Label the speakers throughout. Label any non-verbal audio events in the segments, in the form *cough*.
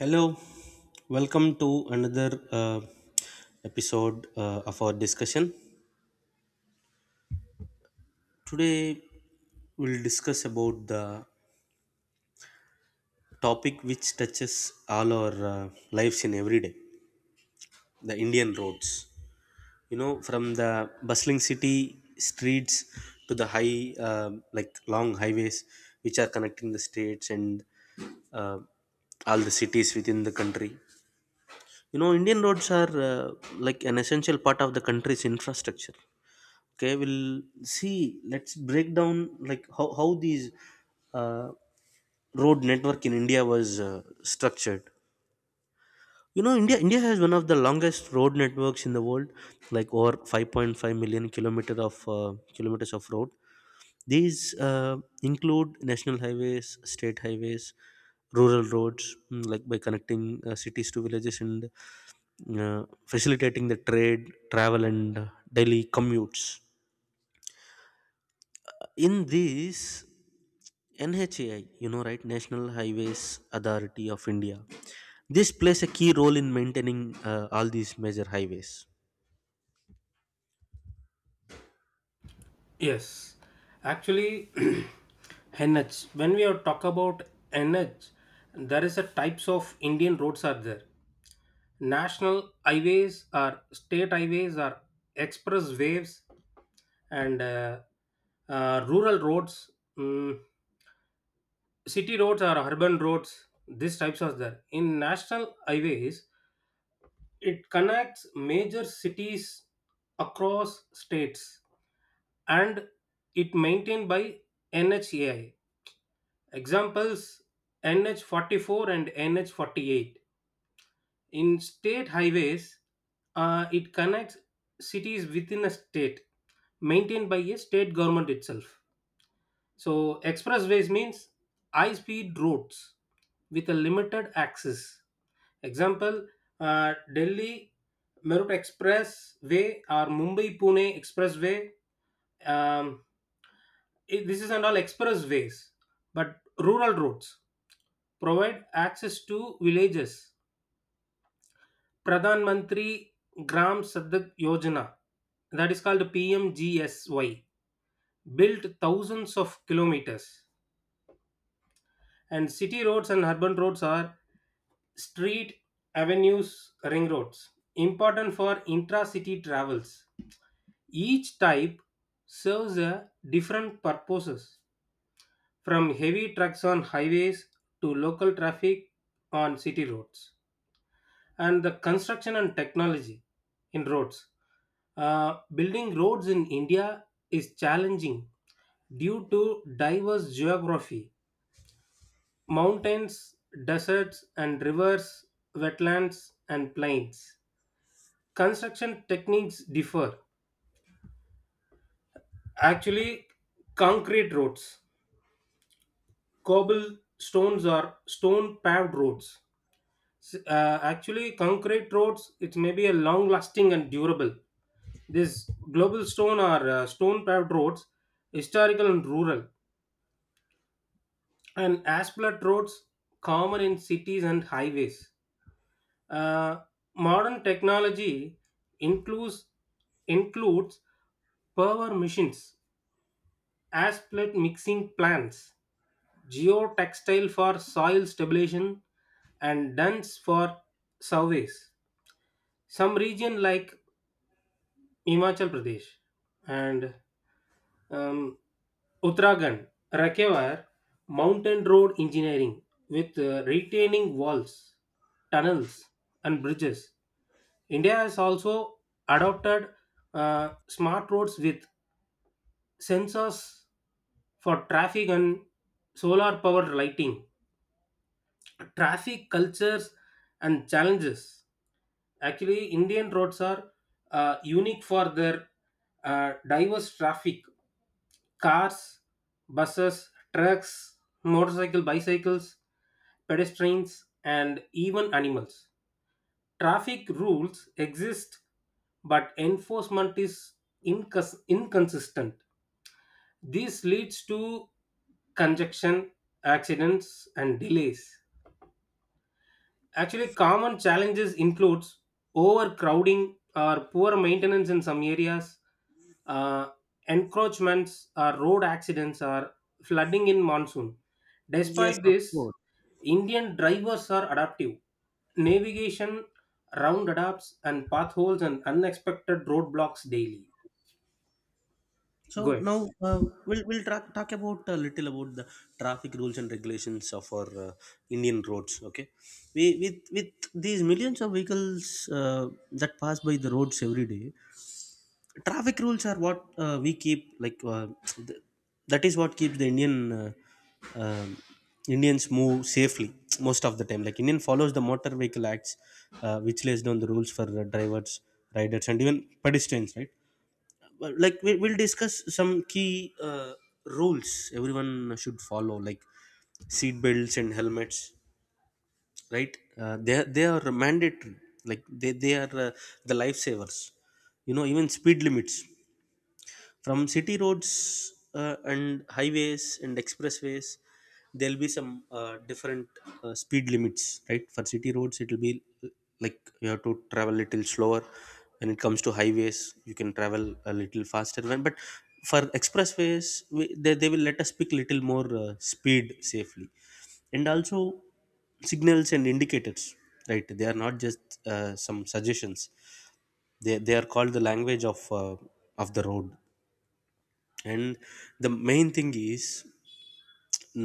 Speaker 1: Hello, welcome to another episode of our discussion. Today, we'll discuss about the topic which touches all our lives in every day, the Indian roads. You know, from the bustling city streets to the high, like long highways which are connecting the states and uh, all the cities within the country. You know, Indian roads are like an essential part of the country's infrastructure. Okay, we'll see, let's break down like how these uh, road network in India was structured. You know, India has one of the longest road networks in the world, like over 5.5 million kilometer of kilometers of road. These include national highways, state highways, rural roads, like by connecting cities to villages and uh, facilitating the trade, travel and daily commutes. In this NHAI, you know, right, National Highways Authority of India, this plays a key role in maintaining all these major highways.
Speaker 2: Yes, actually, *clears throat* NH. When we are talk about NH, there is a types of Indian roads are there. National highways or state highways or express waves and rural roads, mm, city roads or urban roads. These types are there. In national highways, it connects major cities across states and it maintained by NHAI. Examples, NH44 and NH48. In state highways, it connects cities within a state maintained by a state government itself. So, expressways means high speed roads with a limited access. Example, Delhi Meerut Expressway or Mumbai Pune Expressway. Um, this is and all expressways, but rural roads provide access to villages. Pradhan Mantri Gram Sadak Yojana, that is called PMGSY, built thousands of kilometers. And city roads and urban roads are street, avenues, ring roads, important for intra city travels. Each type serves a different purposes, from heavy trucks on highways to local traffic on city roads. And the construction and technology in roads. Building roads in India is challenging due to diverse geography, mountains, deserts, and rivers, wetlands, and plains. Construction techniques differ. Actually, concrete roads, cobble stones, or stone paved roads. Actually, concrete roads, it may be a long lasting and durable. This global stone are stone paved roads, historical and rural, and asphalt roads common in cities and highways. Uh, Modern technology includes includes power machines, asphalt mixing plants, geotextile for soil stabilization, and duns for surveys. Some region like Himachal Pradesh and Um, Uttarakhand require mountain road engineering with retaining walls, tunnels, and bridges. India has also adopted smart roads with sensors for traffic and solar powered lighting. Traffic cultures and challenges. Actually, Indian roads are unique for their diverse traffic. Cars, buses, trucks, motorcycle, bicycles, pedestrians, and even animals. Traffic rules exist, but enforcement is inconsistent. This leads to congestion, accidents, and delays. Actually, common challenges includes overcrowding or poor maintenance in some areas, uh, encroachments, or road accidents, or flooding in monsoon.
Speaker 1: Yes,
Speaker 2: Despite
Speaker 1: of
Speaker 2: this,
Speaker 1: course.
Speaker 2: Indian drivers are adaptive. Navigation, round adapts, and potholes and unexpected roadblocks daily. Go
Speaker 1: So
Speaker 2: ahead.
Speaker 1: now talk about a little about the traffic rules and regulations of our Indian roads. Okay, we with these millions of vehicles that pass by the roads every day, traffic rules are what we keep th- that is what keeps the uh, um, indians move safely most of the time. Like Indian follows the motor vehicle acts, which lays down the rules for drivers, riders and even pedestrians, right? But, like we'll discuss some key uh, rules everyone should follow, like seat belts and helmets, right? They are mandatory. Like they are the lifesavers, you know. Even speed limits, from city roads and highways and expressways, there'll be some different speed limits, right? For city roads it'll be uh, like you have to travel a little slower. When it comes to highways you can travel a little faster, when, but for expressways they will let us pick little more speed safely. And also signals and indicators, right? They are not just some suggestions. They are called the language of the road. And the main thing is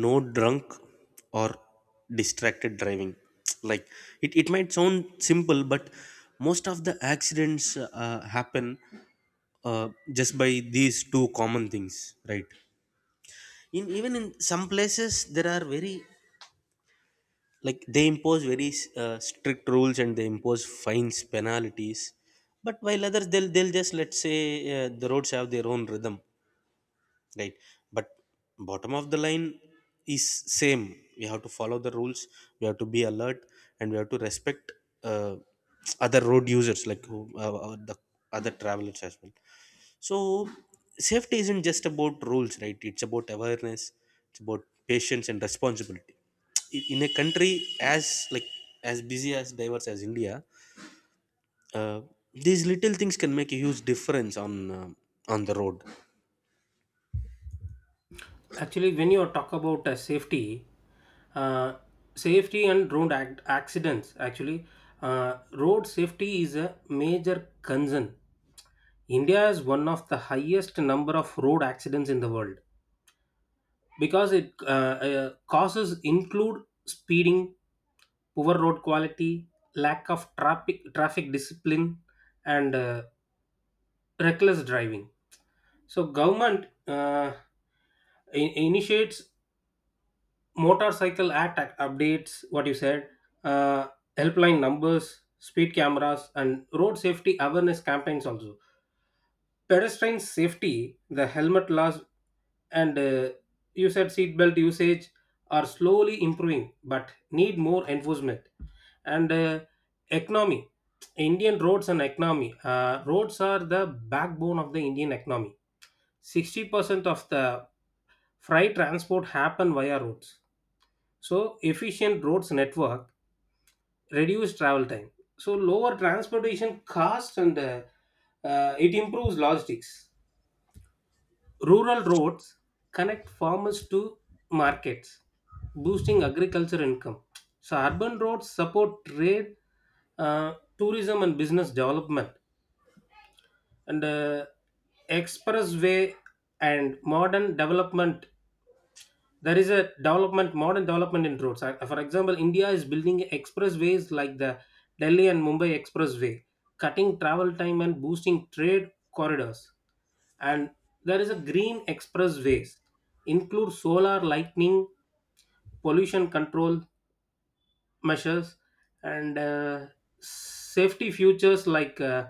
Speaker 1: no drunk or distracted driving. *tsk* Like it might sound simple, but most of the accidents happen just by these two common things, right? In, even in some places there are very, like, they impose very strict rules and they impose fines, penalties. But while others they'll just, let's say the roads have their own rhythm, right? But bottom of the line is same, we have to follow the rules, we have to be alert, and we have to respect uh, other road users, like who the other travelers as well. So safety isn't just about rules, right? It's about awareness, it's about patience and responsibility. In a country as like, as busy as diverse as India, uh, these little things can make a huge difference uh, on the road.
Speaker 2: Actually, when you talk about uh, safety and road accidents, actually, road safety is a major concern. India is one of the highest number of road accidents in the world because it causes include speeding, poor road quality, lack of traffic discipline, and reckless driving. So government initiates motorcycle act updates what you said, uh, helpline numbers, speed cameras, and road safety awareness campaigns. Also, pedestrian safety, the helmet laws, and you said seatbelt usage are slowly improving but need more enforcement. And economy. Indian roads and economy. Roads are the backbone of the Indian economy. 60% of the freight transport happen via roads, so efficient roads network reduce travel time. So lower transportation costs and it improves logistics. Rural roads connect farmers to markets, boosting agriculture income. So urban roads support trade, tourism, and business development. And expressway and modern development. There is a development, modern development in roads. For example, India is building expressways like the Delhi and Mumbai expressway, cutting travel time and boosting trade corridors. And there is a green expressways include solar lightning, pollution control measures, and safety features like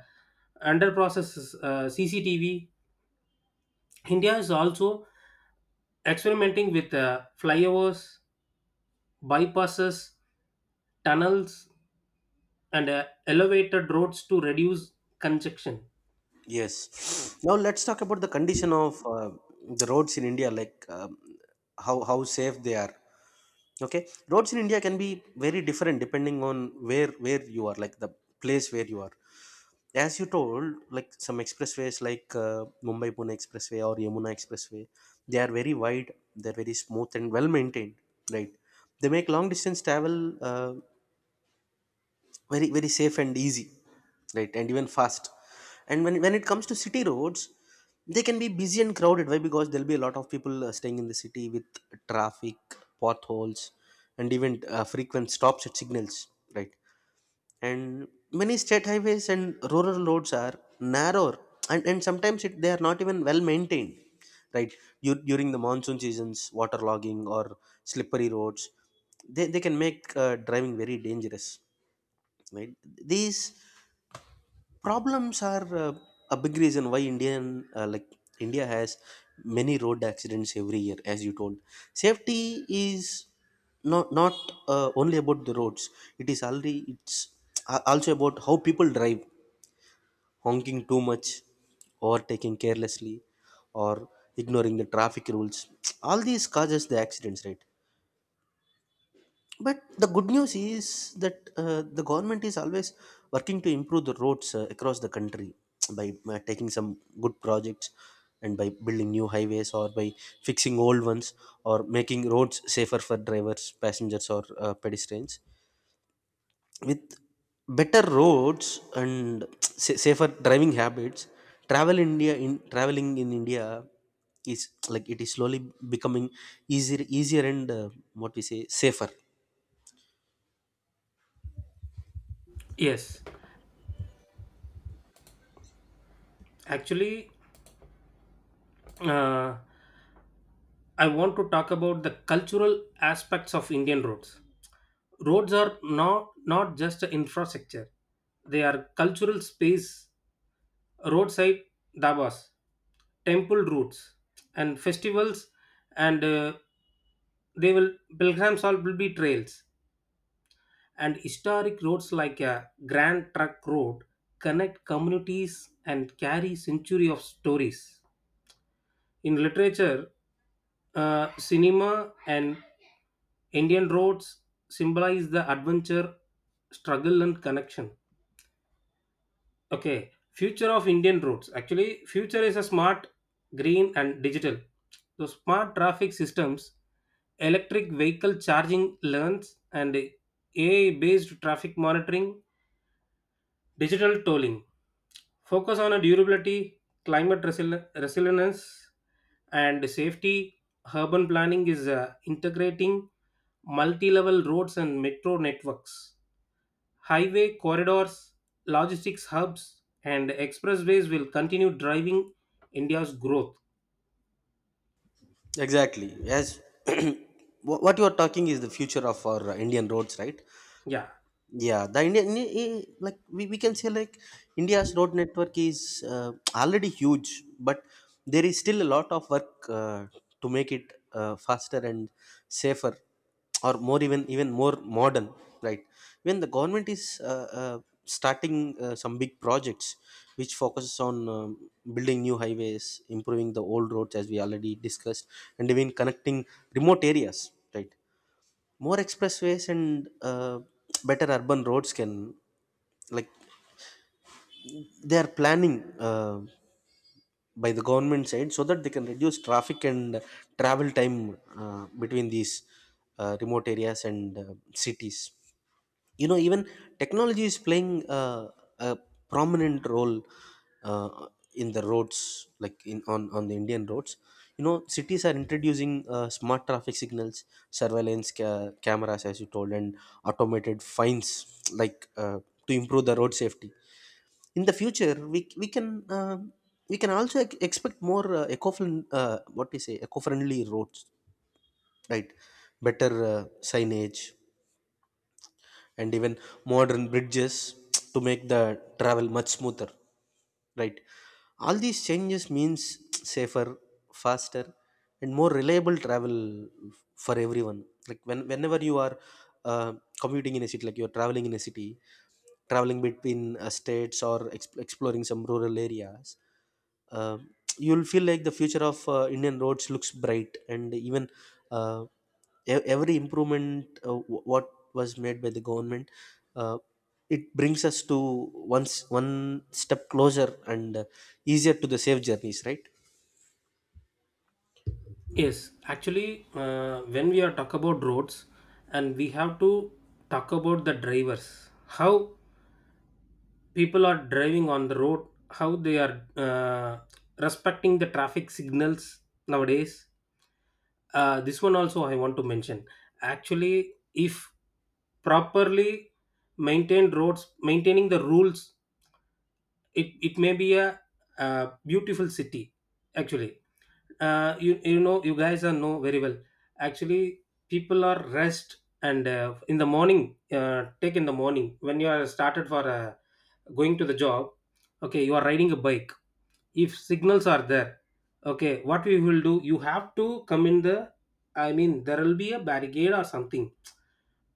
Speaker 2: under process, CCTV. India is also experimenting with flyovers, bypasses, tunnels, and elevated roads to reduce congestion.
Speaker 1: Yes. Now let's talk about the condition of the roads in India, like how safe they are. Okay, roads in India can be very different depending on where you are, like the place where you are. As you told, like some expressways like Mumbai Pune Expressway or Yamuna Expressway, they are very wide, they're very smooth and well maintained, right? They make long distance travel very, very safe and easy, right, and even fast. And when it comes to city roads, they can be busy and crowded, why, because there'll be a lot of people staying in the city with traffic, potholes, and even frequent stops at signals, right? And many state highways and rural roads are narrower, and sometimes they are not even well maintained, right? You, during the monsoon seasons, waterlogging or slippery roads, they can make driving very dangerous, right? These problems are a big reason why uh, like india has many road accidents every year, as you told. Safety is not only about the roads, it is already, it's also about how people drive. Honking too much, overtaking carelessly, or ignoring the traffic rules, *tsk* all these causes the accidents, right? But the good news is that the government is always working to improve the roads across the country, *tsk* by taking some good projects and by building new highways or by fixing old ones, or making roads safer for drivers, passengers, or pedestrians. With better roads and *tsk* safer driving habits, traveling in India is, like, it is slowly becoming easier, easier and what we say, safer.
Speaker 2: Yes, actually, uh, I want to talk about the cultural aspects of Indian roads. Roads are not just infrastructure, they are cultural space, roadside dabas, temple routes, and festivals, and they will pilgrims all will be trails. And historic roads like a Grand Trunk Road connect communities and carry century of stories. In literature, cinema, and Indian roads symbolize the adventure, struggle, and connection. Okay, future of Indian roads. Actually, future is a smart, green, and digital. So smart traffic systems, electric vehicle charging lanes, and AI-based traffic monitoring, digital tolling. Focus on a durability, climate resilience, and safety. Urban planning is integrating multi level roads and metro networks. Highway corridors, logistics hubs, and expressways will continue driving India's growth.
Speaker 1: Exactly. Yes. *clears throat* What you are talking is the future of our Indian roads, right?
Speaker 2: Yeah.
Speaker 1: Yeah, the like we can say, like India's road network is already huge, but there is still a lot of work to make it faster and safer, or more, even more modern. Right, when the government is starting some big projects which focuses on building new highways, improving the old roads as we already discussed, and even connecting remote areas. Right, more expressways and better urban roads can, like, they are planning by the government side so that they can reduce traffic and travel time between these remote areas and cities. You know, even technology is playing a prominent role uh, in the roads, like in on the Indian roads. You know, cities are introducing smart traffic signals, surveillance cameras, as you told, and automated fines, like to improve the road safety. In the future we can also expect more eco what do you say, eco-friendly roads, right? Better signage and even modern bridges *tsk* to make the travel much smoother, right? All these changes means *tsk* safer, faster, and more reliable travel for everyone, like when whenever you are uh, commuting in a city, like you're traveling in a city, traveling between states, or exploring some rural areas, uh, you'll feel like the future of Indian roads looks bright, and even uh, every improvement what was made by the government, uh, it brings us to one step closer and easier to the safe journeys, right?
Speaker 2: Yes, actually, when we are talk about roads, and we have to talk about the drivers. How people are driving on the road, how they are respecting the traffic signals nowadays, this one also I want to mention. Actually, if properly maintained roads maintaining the rules, it may be a beautiful city. Actually, you know you guys are know very well. Actually, people are rest, and in the morning, take in the morning when you are started for going to the job. Okay, you are riding a bike. If signals are there, okay, what we will do, you have to come in the I mean there will be a barricade or something.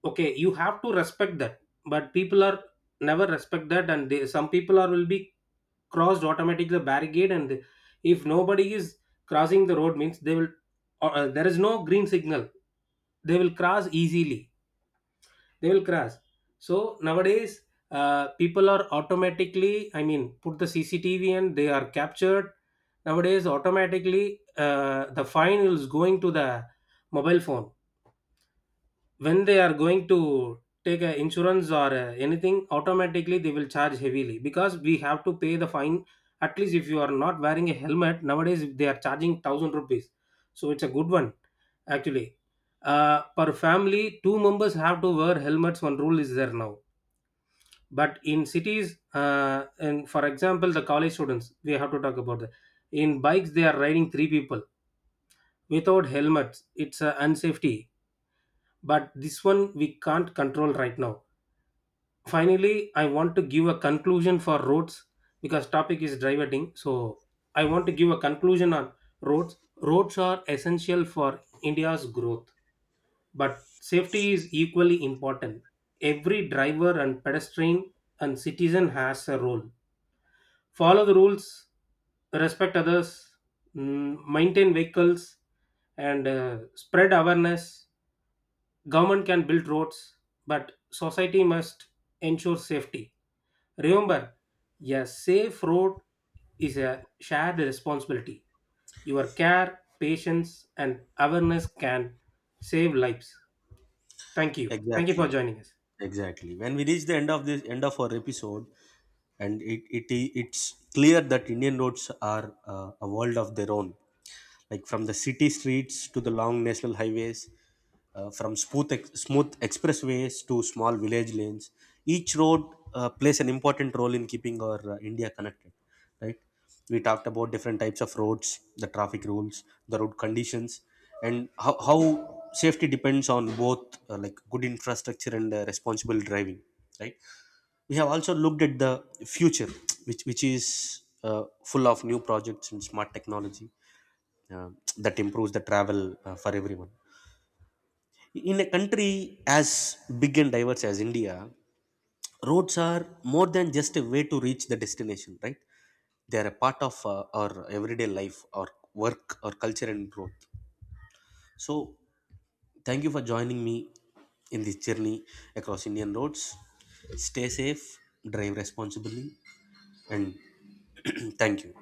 Speaker 2: Okay, you have to respect that. But people are never respect that, and some people are will be crossed automatically the barricade. If nobody is crossing the road means they will there is no green signal, they will cross easily, they will cross. So nowadays, people are automatically, I mean, put the CCTV and they are captured nowadays automatically. The fine is going to the mobile phone when they are going to take a insurance or anything. Automatically, they will charge heavily because we have to pay the fine. At least if you are not wearing a helmet, nowadays they are charging ₹1,000. So it's a good one. Actually, per family two members have to wear helmets, one rule is there now. But in cities, and for example the college students, we have to talk about that. In bikes they are riding three people without helmets, it's unsafety. But this one we can't control right now. Finally, I want to give a conclusion for roads. Because topic is driving, so I want to give a conclusion on roads. Roads are essential for India's growth, but safety is equally important. Every driver and pedestrian and citizen has a role. Follow the rules, respect others, maintain vehicles, and spread awareness. Government can build roads, but society must ensure safety. Remember, a safe road is a shared responsibility. Your care, patience, and awareness can save lives. Thank you. Thank you for
Speaker 1: Exactly.
Speaker 2: joining us.
Speaker 1: Exactly. When we reach the end of our episode, and it's clear that Indian roads are a world of their own. Like from the city streets to the long national highways, from smooth expressways to small village lanes, each road plays an important role in keeping our India connected, right? We talked about different types of roads, the traffic rules, the road conditions, and how safety depends on both like good infrastructure and responsible driving, right? We have also looked at the future, which is uh, full of new projects and smart technology uh, that improves the travel for everyone. In a country as big and diverse as India, roads are more than just a way to reach the destination, right? They are a part of our everyday life, our work, our culture and growth. So thank you for joining me in this journey across Indian roads. Stay safe, drive responsibly, and *clears throat* thank you,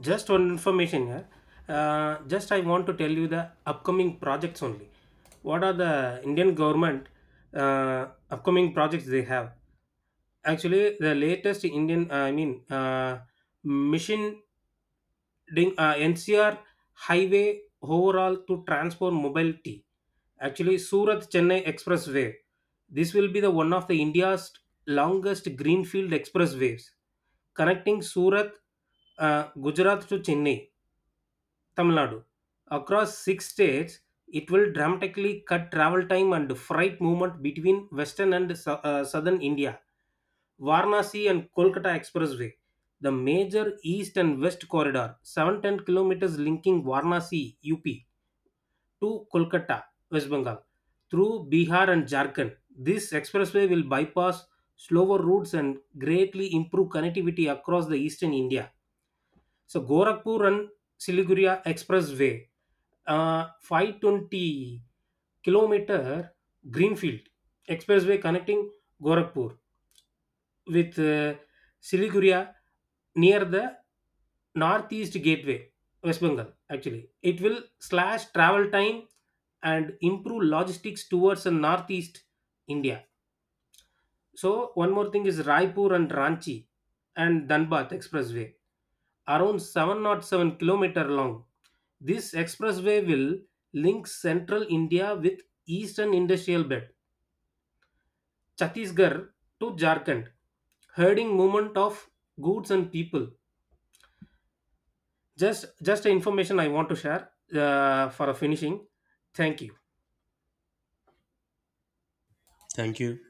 Speaker 2: Just one information here. Just I want to tell you the upcoming projects only. What are the Indian government upcoming projects they have? Actually, the latest Indian, I mean, mission Ding, NCR highway overall to transform mobility. Actually, Surat Chennai Expressway. This will be the one of the India's longest greenfield expressways connecting Surat, Gujarat to Chennai, Tamil Nadu. Across six states, it will dramatically cut travel time and freight movement between western and southern India. Varanasi and Kolkata Expressway, the major east and west corridor, 710 kilometers linking Varanasi, UP, to Kolkata, West Bengal, through Bihar and Jharkhand. This expressway will bypass slower routes and greatly improve connectivity across the eastern India. So Gorakhpur and Siliguri Expressway, 520-kilometer greenfield expressway connecting Gorakhpur with Siliguri near the northeast gateway, West Bengal. Actually, it will slash travel time and improve logistics towards the northeast India. So one more thing is Raipur and Ranchi and Dhanbad Expressway, around 707-kilometer long, this expressway will link central India with eastern industrial belt, Chhattisgarh to Jharkhand, herding movement of goods and people. Just a information I want to share for a finishing. Thank you.
Speaker 1: thank you.